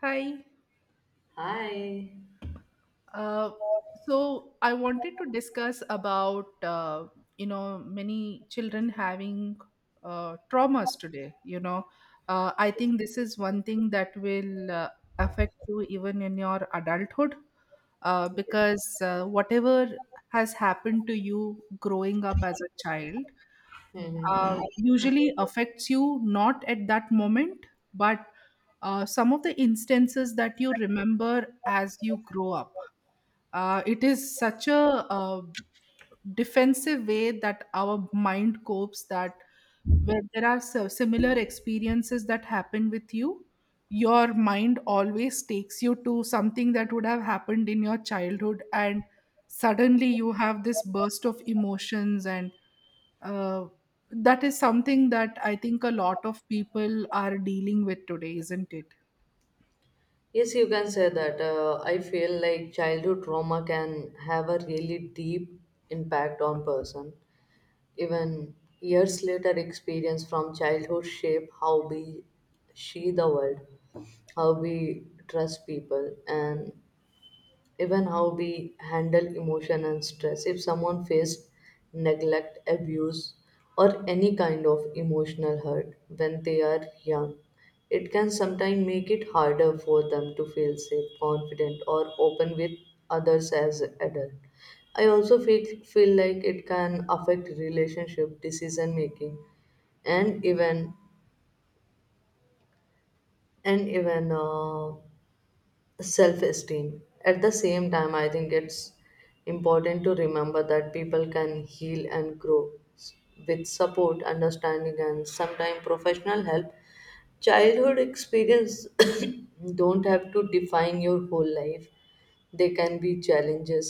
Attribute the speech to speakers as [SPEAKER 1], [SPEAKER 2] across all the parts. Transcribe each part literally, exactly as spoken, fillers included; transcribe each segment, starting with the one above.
[SPEAKER 1] Hi.
[SPEAKER 2] Hi.
[SPEAKER 1] Uh, so I wanted to discuss about uh, you know many children having uh, traumas today. You know, uh, I think this is one thing that will uh, affect you even in your adulthood uh, because uh, whatever has happened to you growing up as a child
[SPEAKER 2] Mhm.
[SPEAKER 1] uh, usually affects you not at that moment, but uh, some of the instances that you remember as you grow up uh, it is such a uh, defensive way that our mind copes that where there are si- similar experiences that happen with you, your mind always takes you to something that would have happened in your childhood, and suddenly you have this burst of emotions and uh, that is something that I think a lot of people are dealing with today, isn't it?
[SPEAKER 2] Yes, you can say that. Uh, I feel like childhood trauma can have a really deep impact on person. Even years later, experience from childhood shape how we see the world, how we trust people, and even how we handle emotion and stress. If someone faced neglect, abuse, or any kind of emotional hurt when they are young, it can sometimes make it harder for them to feel safe, confident, or open with others as adult. I also feel, feel like it can affect relationship, decision making, and even and even uh, self esteem. At the same time, I think it's important to remember that people can heal and grow s- with support, understanding, and sometimes professional help. Childhood experience don't have to define your whole life, they can be challenges,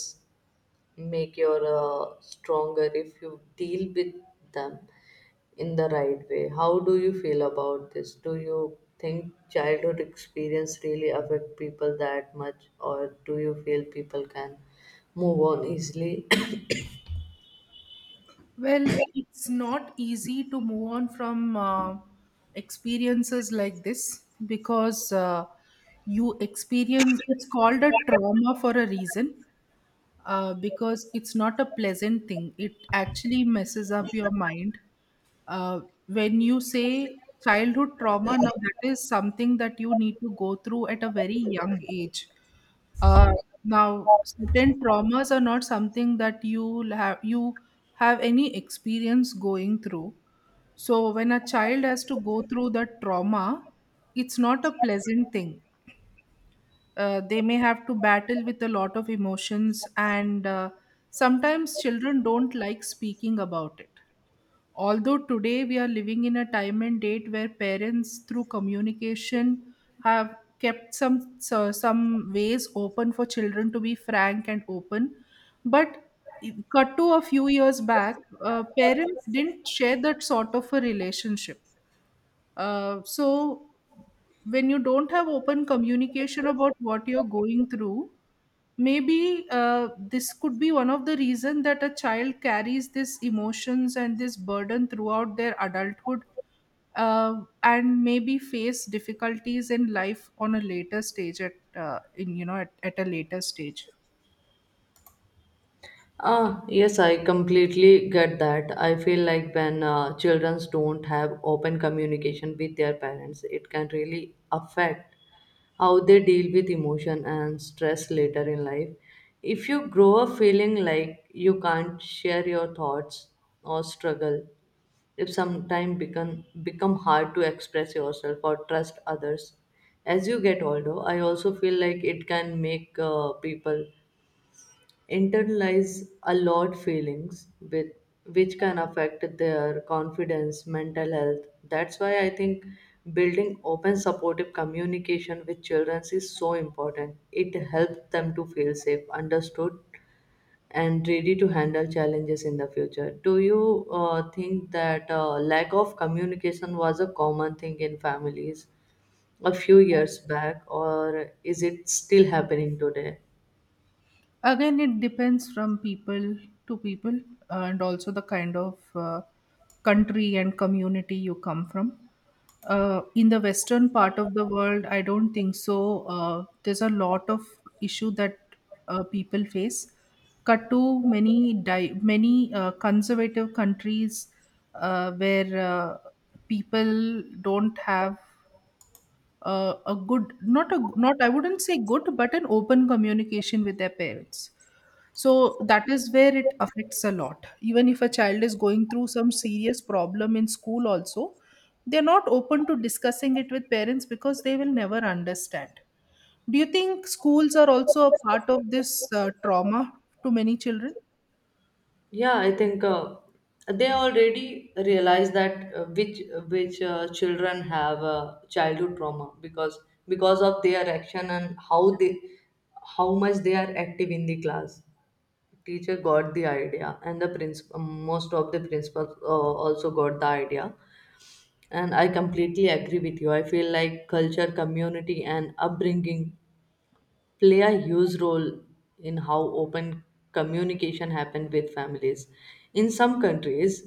[SPEAKER 2] make you uh, stronger if you deal with them in the right way. How do you feel about this? Do you think childhood experience really affect people that much or do you feel people can move on easily.
[SPEAKER 1] Well, it's not easy to move on from uh, experiences like this because uh, you experience, it's called a trauma for a reason uh, because it's not a pleasant thing. It actually messes up your mind uh, when you say childhood trauma, now that is something that you need to go through at a very young age. Uh, now, certain traumas are not something that you have you have any experience going through. So when a child has to go through that trauma, it's not a pleasant thing. Uh, they may have to battle with a lot of emotions, and uh, sometimes children don't like speaking about it, although today we are living in a time and date where parents through communication have kept some so- some ways open for children to be frank and open, but cut to a few years back, uh, parents didn't share that sort of a relationship. Uh, so when you don't have open communication about what you're going through, maybe uh, this could be one of the reason that a child carries this emotions and this burden throughout their adulthood uh, and maybe face difficulties in life on a later stage at uh, in you know at, at a later stage.
[SPEAKER 2] Ah, yes, I completely get that. I feel like when uh, children don't have open communication with their parents, it can really affect how they deal with emotion and stress later in life. If you grow up feeling like you can't share your thoughts or struggle, it sometimes become become hard to express yourself or trust others as you get older. I also feel like it can make uh, people internalize a lot feelings with which can affect their confidence, mental health. That's why I think building open supportive communication with children is so important. It helps them to feel safe, understood, and ready to handle challenges in the future. Do you uh, think that uh, lack of communication was a common thing in families a few years back or is it still happening today?
[SPEAKER 1] Again, it depends from people to people uh, and also the kind of uh, country and community you come from. Uh, in the western part of the world, I don't think so. Uh, there's a lot of issue that uh, people face. Cut to many di- many uh, conservative countries uh, where uh, people don't have uh, a good, not a not I wouldn't say good, but an open communication with their parents, so that is where it affects a lot. Even if a child is going through some serious problem in school also, they're not open to discussing it with parents because they will never understand. Do you think schools are also a part of this uh, trauma to many children?
[SPEAKER 2] Yeah, I think uh, they already realize that uh, which which uh, children have uh, childhood trauma because because of their action and how they how much they are active in the class. Teacher got the idea, and the principal most of the principals uh, also got the idea. And I completely agree with you. I feel like culture, community, and upbringing play a huge role in how open communication happen with families. In some countries,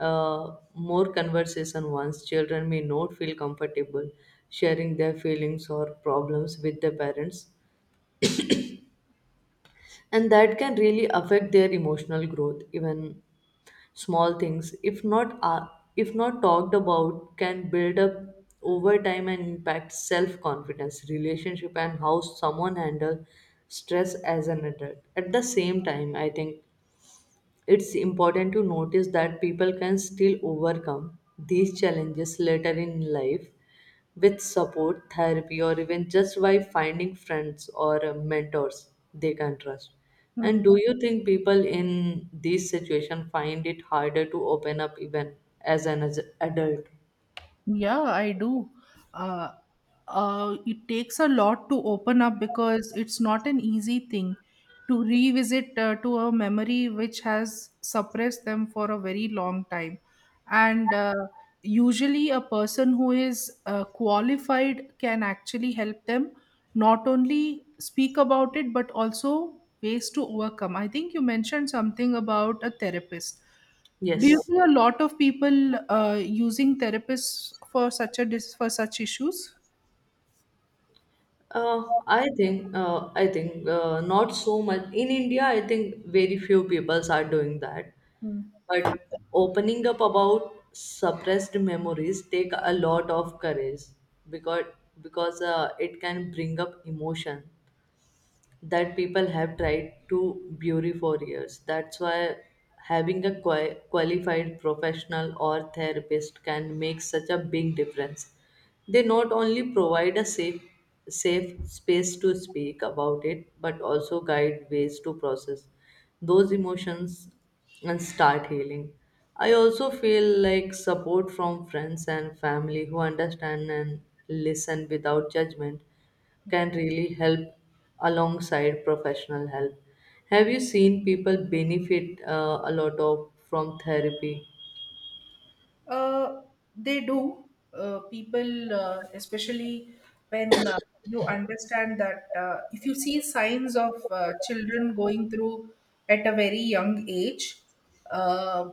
[SPEAKER 2] uh, more conversation once, children may not feel comfortable sharing their feelings or problems with their parents, and that can really affect their emotional growth. Even small things, if not uh, if not talked about, can build up over time and impact self confidence, relationship, and how someone handle stress as an adult. At the same time, I think it's important to notice that people can still overcome these challenges later in life with support, therapy, or even just by finding friends or uh, mentors they can trust. And
[SPEAKER 1] Hmm.
[SPEAKER 2] do you think people in this situation find it harder to open up even as an as- adult?
[SPEAKER 1] Yeah, I do. Uh, uh, it takes a lot to open up because it's not an easy thing to revisit uh, to a memory which has suppressed them for a very long time. And uh, usually, a person who is uh, qualified can actually help them not only speak about it, but also ways to overcome. I think you mentioned something about a therapist. Do you
[SPEAKER 2] Yes.
[SPEAKER 1] see a lot of people uh, using therapists for such a dis- for such issues?
[SPEAKER 2] Uh, I think uh, I think uh, not so much in India. I think very few peoples are doing that. But opening up about suppressed memories take a lot of courage because because uh, it can bring up emotion that people have tried to bury for years. That's why having a qua- qualified professional or therapist can make such a big difference. They not only provide a safe safe space to speak about it but also guide ways to process those emotions and start healing. I also feel like support from friends and family who understand and listen without judgment can really help alongside professional help. Have you seen people benefit uh, a lot of from therapy?
[SPEAKER 1] Uh, they do. Uh, people, uh, especially when uh, you understand that uh, if you see signs of uh, children going through at a very young age, uh,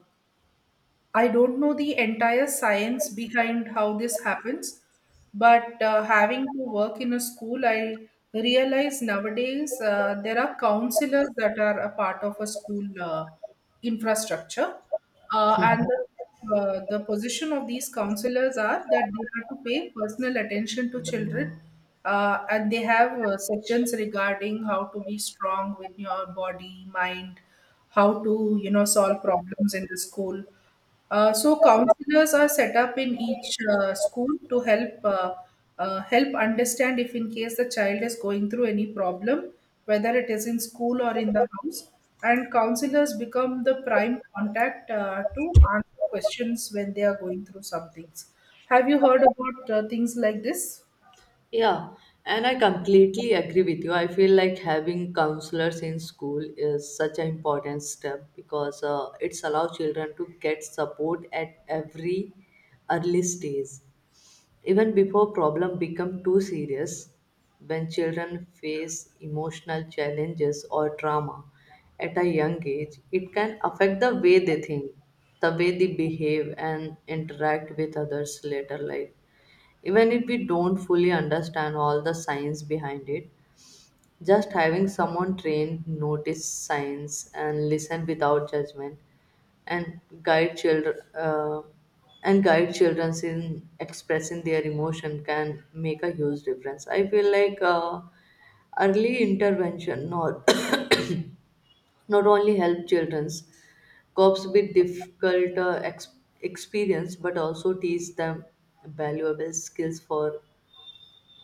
[SPEAKER 1] I don't know the entire science behind how this happens, but uh, having to work in a school, I realize nowadays uh, there are counselors that are a part of a school uh, infrastructure, uh, and the, uh, the position of these counselors are that they have to pay personal attention to children, uh, and they have uh, sections regarding how to be strong with your body, mind, how to you know solve problems in the school. Uh, so counselors are set up in each uh, school to help uh, uh, help understand if in case the child is going through any problem, whether it is in school or in the house. And counselors become the prime contact uh, to answer questions when they are going through some things. Have you heard about uh, things like this?
[SPEAKER 2] Yeah, and I completely agree with you. I feel like having counselors in school is such an important step because uh, it's allows children to get support at every early stage, even before problem become too serious. When children face emotional challenges or trauma at a young age, it can affect the way they think, the way they behave and interact with others later life. Even if we don't fully understand all the science behind it, just having someone trained notice signs and listen without judgment and guide children uh, and guide children in expressing their emotion can make a huge difference. I feel like uh, early intervention not not only help children cope with difficult uh, ex- experience but also teach them valuable skills for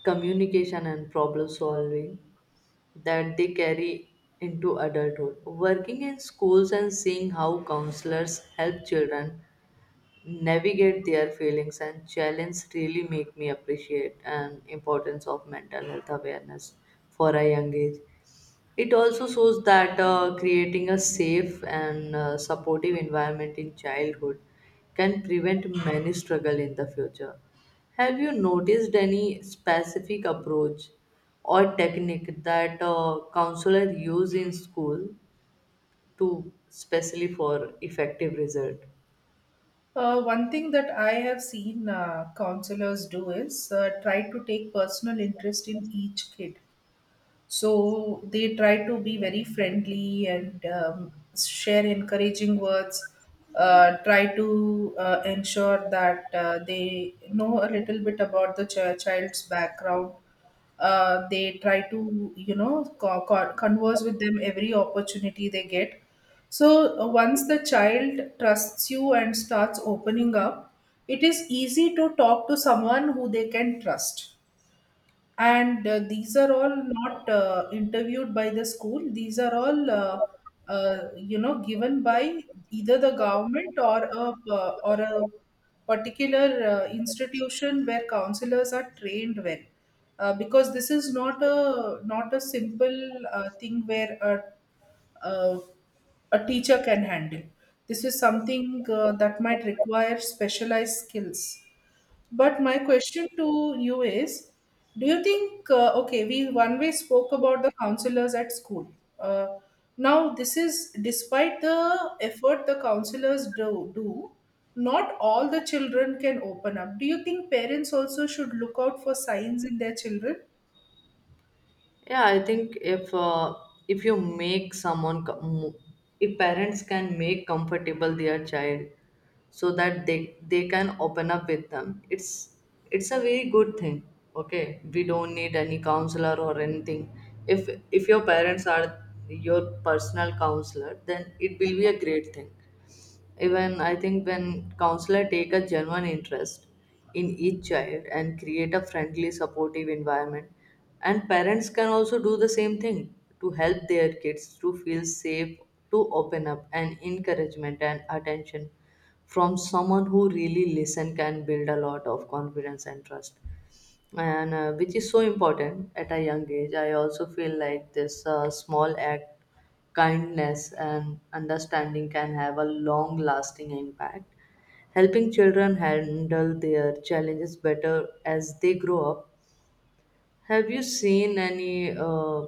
[SPEAKER 2] communication and problem solving that they carry into adulthood. Working in schools and seeing how counselors help children navigate their feelings and challenge really make me appreciate and importance of mental health awareness for a young age. It also shows that uh, creating a safe and uh, supportive environment in childhood can prevent many struggle in the future. Have you noticed any specific approach or technique that uh, counselor use in school to specially for effective result?
[SPEAKER 1] Uh, one thing that I have seen uh, counselors do is uh, try to take personal interest in each kid. So they try to be very friendly and um, share encouraging words, uh, try to uh, ensure that uh, they know a little bit about the ch- child's background. Uh, they try to, you know, co- co- converse with them every opportunity they get. So uh, once the child trusts you and starts opening up, it is easy to talk to someone who they can trust. And uh, these are all not uh, interviewed by the school, these are all uh, uh, you know given by either the government or a uh, or a particular uh, institution where counselors are trained well, uh, because this is not a not a simple uh, thing where a, a a teacher can handle. This is something uh, that might require specialized skills. But my question to you is, do you think, uh, okay, we one way spoke about the counselors at school. Uh, Now, this is despite the effort the counselors do, do, not all the children can open up. Do you think parents also should look out for signs in their children?
[SPEAKER 2] Yeah, I think if uh, if you make someone com- if parents can make comfortable their child so that they they can open up with them, it's it's a very good thing. Okay, we don't need any counselor or anything. If if your parents are your personal counselor, then it will be a great thing. Even I think when counselor take a genuine interest in each child and create a friendly, supportive environment, and parents can also do the same thing to help their kids to feel safe, to open up, and encouragement and attention from someone who really listen can build a lot of confidence and trust, and uh, which is so important at a young age. I also feel like this uh, small act, kindness, and understanding can have a long lasting impact, helping children handle their challenges better as they grow up. Have you seen any uh,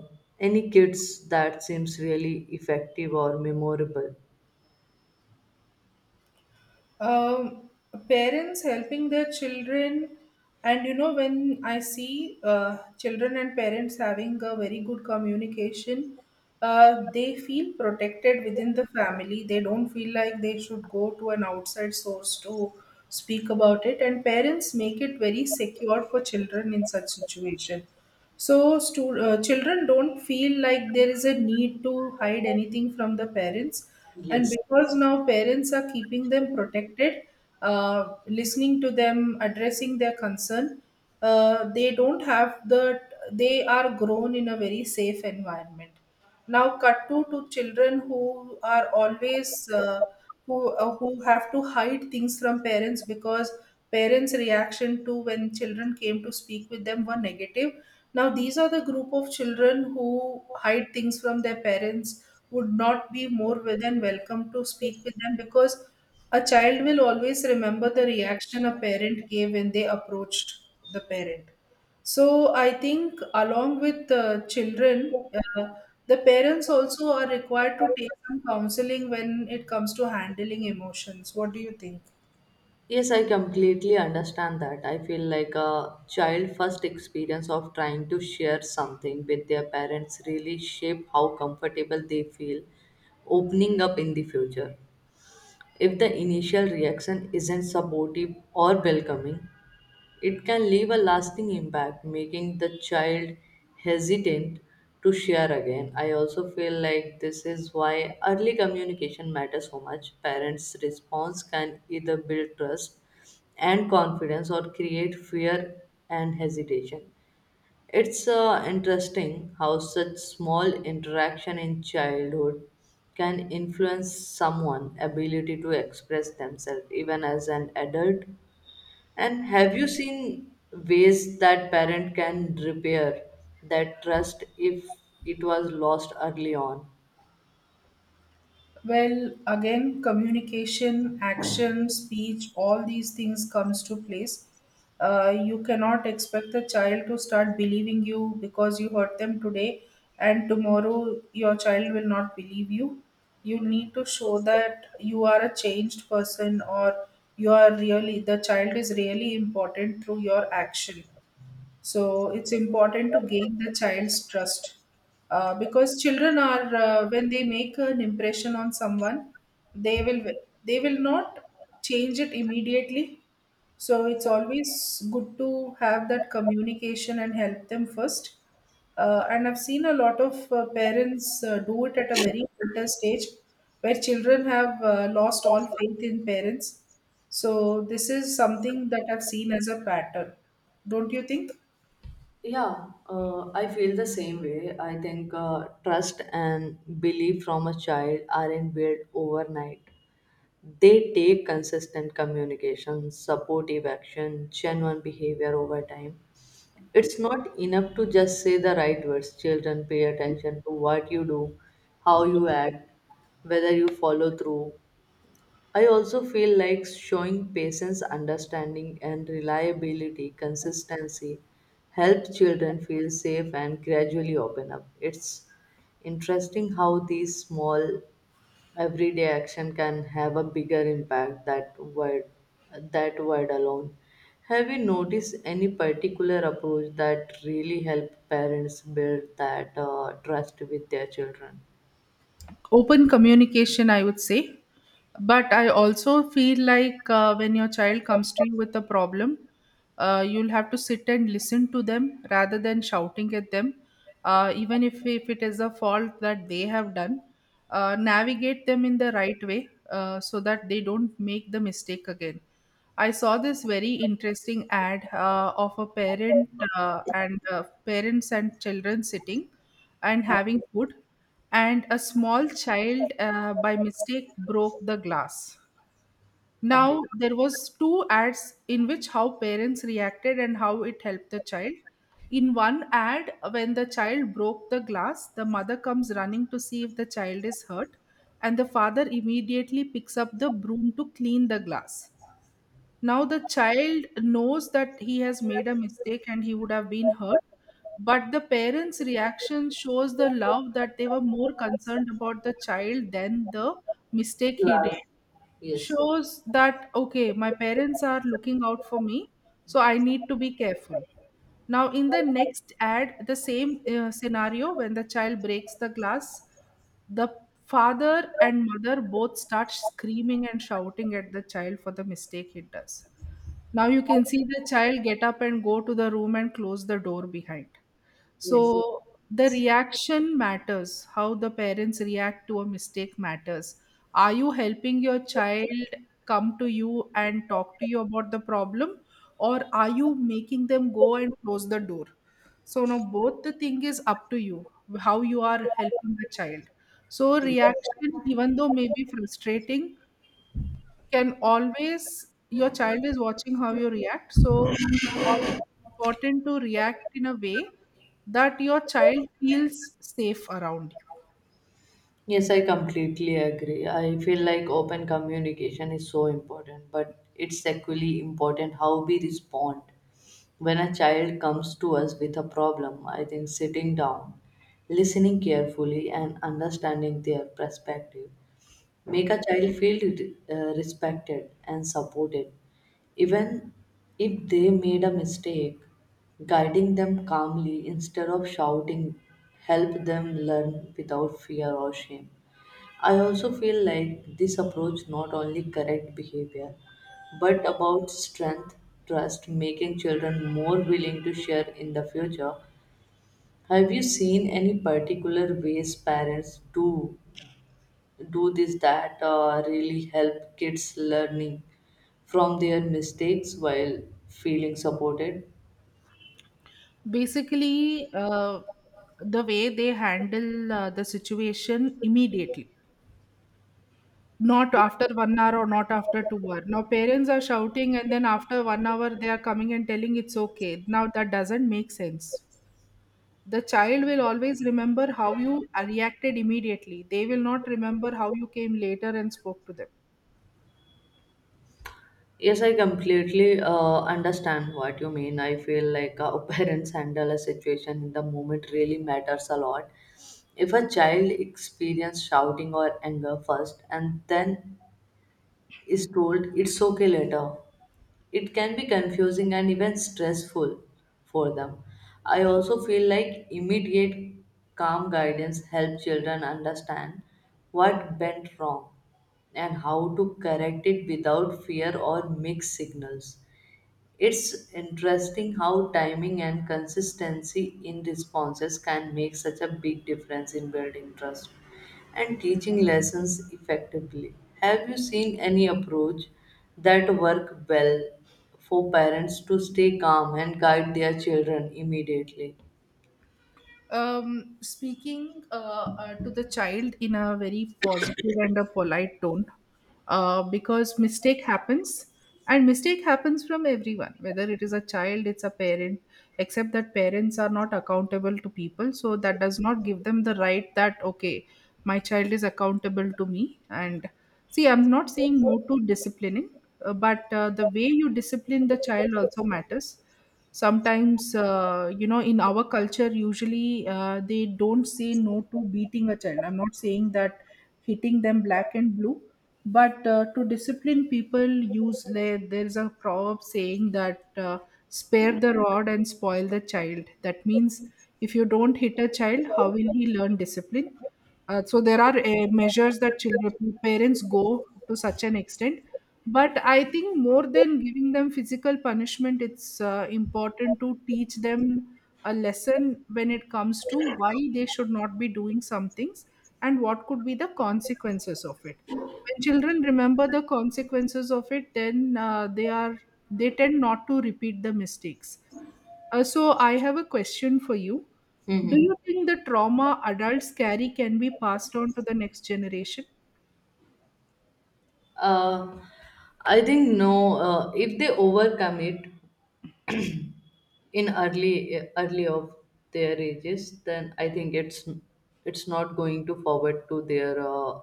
[SPEAKER 2] any kids that seems really effective or memorable?
[SPEAKER 1] um, parents helping their children, and you know when I see uh, children and parents having a very good communication, uh, they feel protected within the family, they don't feel like they should go to an outside source to speak about it, and parents make it very secure for children in such situation. So, stu- uh, children don't feel like there is a need to hide anything from the parents. And
[SPEAKER 2] Yes.
[SPEAKER 1] because now parents are keeping them protected, uh, listening to them, addressing their concern, uh, they don't have the, they are grown in a very safe environment. Now, cut to, to children who are always, uh, who, uh, who have to hide things from parents because parents' reaction to when children came to speak with them were negative. Now, these are the group of children who hide things from their parents, would not be more than welcome to speak with them, because a child will always remember the reaction a parent gave when they approached the parent. So, I think along with the children, uh, the parents also are required to take some counseling when it comes to handling emotions. What do you think?
[SPEAKER 2] Yes, I completely understand that. I feel like a child first experience of trying to share something with their parents really shape how comfortable they feel opening up in the future. If the initial reaction isn't supportive or welcoming, it can leave a lasting impact, making the child hesitant to share again. I also feel like this is why early communication matters so much. Parents' response can either build trust and confidence or create fear and hesitation. It's uh, interesting how such small interaction in childhood can influence someone's ability to express themselves even as an adult. And have you seen ways that parent can repair that trust if it was lost early on?
[SPEAKER 1] Well, again, communication, action, speech, all these things comes to place. Uh, you cannot expect the child to start believing you because you hurt them today and tomorrow your child will not believe you. You need to show that you are a changed person, or you are really, the child is really important, through your action. So it's important to gain the child's trust, uh, because children are uh, when they make an impression on someone, they will they will not change it immediately. So it's always good to have that communication and help them first. Uh, and I've seen a lot of uh, parents uh, do it at a very later stage, where children have uh, lost all faith in parents. So this is something that I've seen as a pattern. Don't you think?
[SPEAKER 2] Yeah, uh, I feel the same way. I think uh, trust and belief from a child aren't built overnight. They take consistent communication, supportive action, genuine behavior over time. It's not enough to just say the right words. Children pay attention to what you do, how you act, whether you follow through. I also feel like showing patience, understanding, and reliability, consistency help children feel safe and gradually open up. It's interesting how these small everyday action can have a bigger impact that word that word alone. Have you noticed any particular approach that really help parents build that uh, trust with their children?
[SPEAKER 1] Open communication, I would say. But I also feel like uh, when your child comes to you with a problem, uh, you'll have to sit and listen to them rather than shouting at them, uh, even if, if it is a fault that they have done, uh, navigate them in the right way, uh, so that they don't make the mistake again. I saw this very interesting ad uh, of a parent, uh, and uh, parents and children sitting and
[SPEAKER 2] Oh.
[SPEAKER 1] having food, and a small child uh, by mistake broke the glass.
[SPEAKER 2] Okay.
[SPEAKER 1] Now there was two ads in which how parents reacted and how it helped the child. In one ad, when the child broke the glass, the mother comes running to see if the child is hurt, and the father immediately picks up the broom to clean the glass. Now the child knows that he has made a mistake and he would have been hurt, but the parents' reaction shows the love, that they were more concerned about the child than the mistake he did.
[SPEAKER 2] Last. Yes.
[SPEAKER 1] Shows that, okay, my parents are looking out for me, so I need to be careful. Now, in the next ad, the same uh, scenario when the child breaks the glass, the father and mother both start screaming and shouting at the child for the mistake it does. Now, you can see the child get up and go to the room and close the door behind.
[SPEAKER 2] Yes.
[SPEAKER 1] So the reaction matters. How the parents react to a mistake matters. Are you helping your child come to you and talk to you about the problem, or are you making them go and close the door? So now both the thing is up to you how you are helping the child. So reaction, even though may be frustrating, can always your child is watching how you react so al- important to react in a way that your child feels safe around
[SPEAKER 2] Yes, I completely agree. I feel like open communication is so important, but it's equally important how we respond. When a child comes to us with a problem, I think sitting down, listening carefully, and understanding their perspective make a child feel uh, respected and supported, even if they made a mistake. Guiding them calmly instead of shouting help them learn without fear or shame. I also feel like this approach not only correct behavior but about strength, trust, making children more willing to share in the future. Have you seen any particular ways parents do do this that uh, really help kids learning from their mistakes while feeling supported?
[SPEAKER 1] you basically uh, the way they handle uh, the situation immediately, not after one hour or not after two hour. Now parents are shouting and then after one hour they are coming and telling it's okay. Now that doesn't make sense. The child will always remember how you reacted immediately. They will not remember how you came later and spoke to them.
[SPEAKER 2] Yes, I completely uh, understand what you mean. I feel like how parents handle a situation in the moment really matters a lot. If a child experiences shouting or anger first and then is told it's okay later, it can be confusing and even stressful for them. I also feel like immediate calm guidance helps children understand what went wrong and how to correct it without fear or mixed signals. It's interesting how timing and consistency in responses can make such a big difference in building trust and teaching lessons effectively. Have you seen any approach that work well for parents to stay calm and guide their children immediately?
[SPEAKER 1] Um, speaking uh, uh, to the child in a very positive and a polite tone, uh, because mistake happens, and mistake happens from everyone, whether it is a child, it's a parent. Except that parents are not accountable to people, so that does not give them the right. That okay, my child is accountable to me, and see, I'm not saying no to disciplining, uh, but uh, the way you discipline the child also matters. Sometimes, uh, you know, in our culture usually uh, they don't say no to beating a child. I'm not saying that hitting them black and blue, but uh, to discipline people use, there there's a proverb saying that uh, spare the rod and spoil the child. That means if you don't hit a child, how will he learn discipline? Uh, so there are uh, measures that children parents go to such an extent, but I think more than giving them physical punishment, it's uh, important to teach them a lesson when it comes to why they should not be doing some things and what could be the consequences of it. When children remember the consequences of it, then uh, they are they tend not to repeat the mistakes. Uh, so I have a question for you. Do
[SPEAKER 2] Hmm.
[SPEAKER 1] you think the trauma adults carry can be passed on to the next generation?
[SPEAKER 2] Uh, I think no. Uh, if they overcome it, in early early of their ages, then I think it's it's not going to forward to their uh,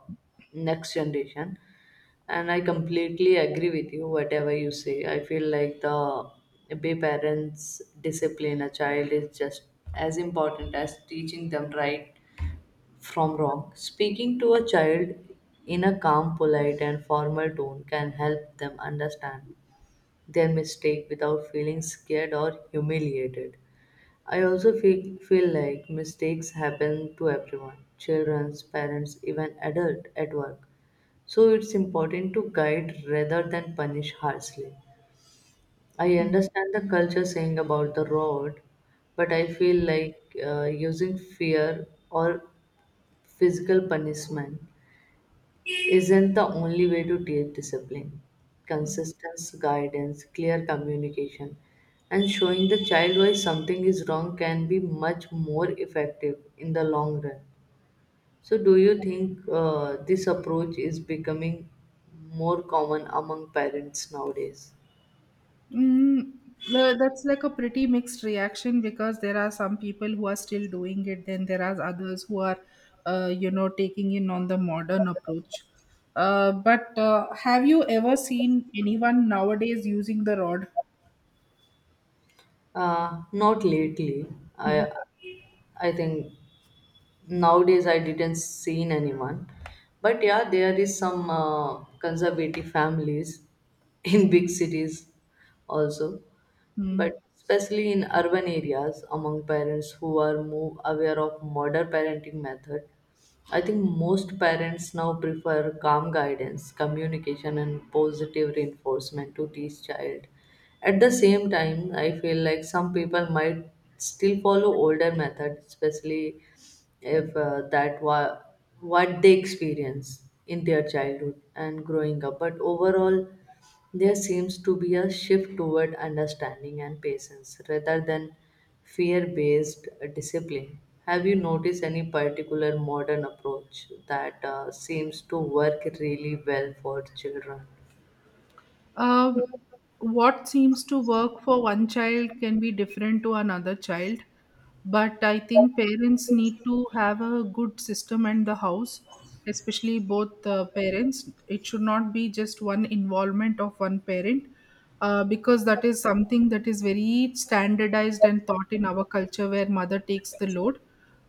[SPEAKER 2] next generation. And I completely agree with you whatever you say. I feel like the way parents discipline a child is just as important as teaching them right from wrong. Speaking to a child in a calm, polite, and formal tone can help them understand their mistake without feeling scared or humiliated. I also feel, feel like mistakes happen to everyone, children, parents, even adult at work. So it's important to guide rather than punish harshly. I
[SPEAKER 1] Hmm.
[SPEAKER 2] understand the culture saying about the road, but I feel like uh, using fear or physical punishment isn't the only way to teach discipline. Consistency, guidance, clear communication, and showing the child why something is wrong can be much more effective in the long run. So, do you think uh, this approach is becoming more common among parents nowadays?
[SPEAKER 1] Mm, the- that's like a pretty mixed reaction, because there are some people who are still doing it, then there are others who are, uh, you know, taking in on the modern approach. Uh, but uh, have you ever seen anyone nowadays using the rod?
[SPEAKER 2] Uh, not lately.
[SPEAKER 1] Hmm.
[SPEAKER 2] I I think. Nowadays I didn't seen anyone, but yeah there is some uh, conservative families in big cities also,
[SPEAKER 1] Hmm.
[SPEAKER 2] but especially in urban areas among parents who are more aware of modern parenting method. I think most parents now prefer calm guidance, communication, and positive reinforcement to teach child. At the same time, I feel like some people might still follow older methods, especially if uh, that wa- what they experience in their childhood and growing up. But overall, there seems to be a shift toward understanding and patience rather than fear based discipline. Have you noticed any particular modern approach that uh, seems to work really well for children?
[SPEAKER 1] Um, what seems to work for one child can be different to another child, but I think parents need to have a good system in the house, especially both uh, parents. It should not be just one involvement of one parent, uh, because that is something that is very standardized and taught in our culture where mother takes the load.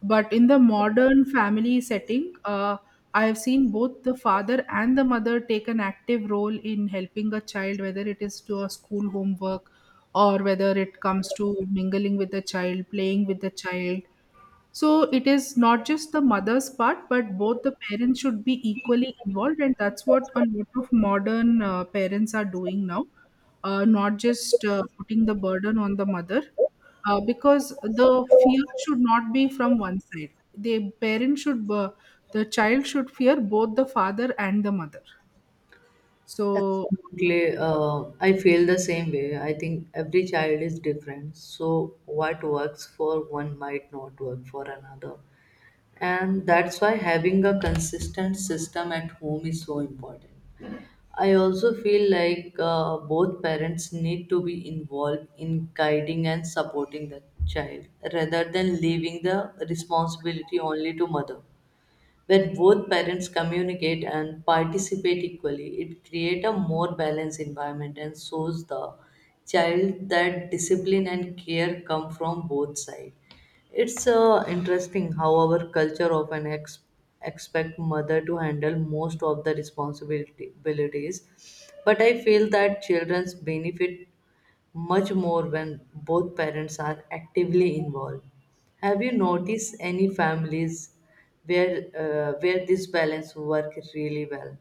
[SPEAKER 1] But in the modern family setting, uh, I have seen both the father and the mother take an active role in helping a child, whether it is to a school homework or whether it comes to mingling with the child, playing with the child, so it is not just the mother's part, but both the parents should be equally involved, and that's what a lot of modern uh, parents are doing now. Uh, not just uh, putting the burden on the mother, uh, because the fear should not be from one side. The parent should, uh, the child should fear both the father and the mother. So
[SPEAKER 2] Absolutely. Uh, I feel the same way. I think every child is different. So, what works for one might not work for another. And that's why having a consistent system at home is so important. I also feel like uh, both parents need to be involved in guiding and supporting the child rather than leaving the responsibility only to mother. When both parents communicate and participate equally, it creates a more balanced environment and shows the child that discipline and care come from both sides. It's uh, interesting how our culture often ex- expect mother to handle most of the responsibilities, but I feel that children's benefit much more when both parents are actively involved. Have you noticed any families where uh, where this balance work really well?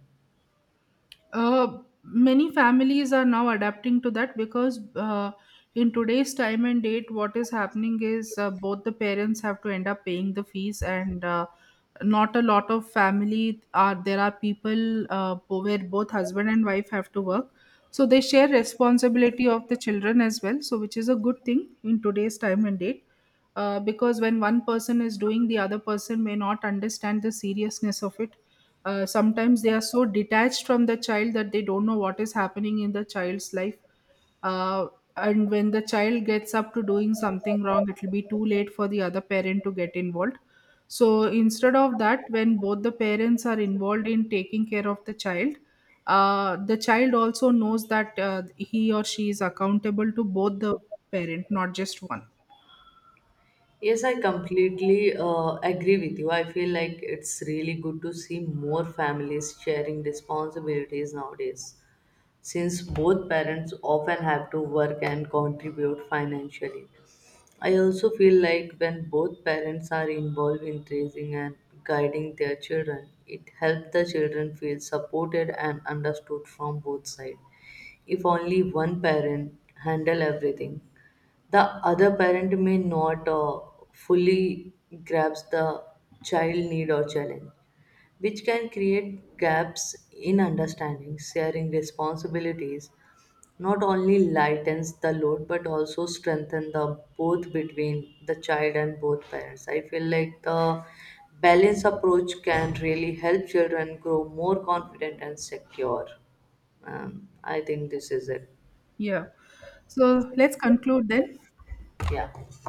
[SPEAKER 1] Uh, many families are now adapting to that because uh, in today's time and date, what is happening is uh, both the parents have to end up paying the fees, and uh, not a lot of family are there, are people uh, where both husband and wife have to work, so they share responsibility of the children as well. So, which is a good thing in today's time and date. Uh, because when one person is doing, the other person may not understand the seriousness of it. Uh, sometimes they are so detached from the child that they don't know what is happening in the child's life, uh, and when the child gets up to doing something wrong, it will be too late for the other parent to get involved. So instead of that, when both the parents are involved in taking care of the child, uh, the child also knows that uh, he or she is accountable to both the parent, not just one.
[SPEAKER 2] Yes, I completely uh, agree with you. I feel like it's really good to see more families sharing responsibilities nowadays, since both parents often have to work and contribute financially. I also feel like when both parents are involved in raising and guiding their children, it helps the children feel supported and understood from both sides. If only one parent handle everything, the other parent may not uh, fully grasp the child need or challenge, which can create gaps in understanding. Sharing responsibilities not only lightens the load but also strengthen the both between the child and both parents. I feel like the balanced approach can really help children grow more confident and secure. Um, I think this is it.
[SPEAKER 1] Yeah, so let's conclude then.
[SPEAKER 2] Yeah.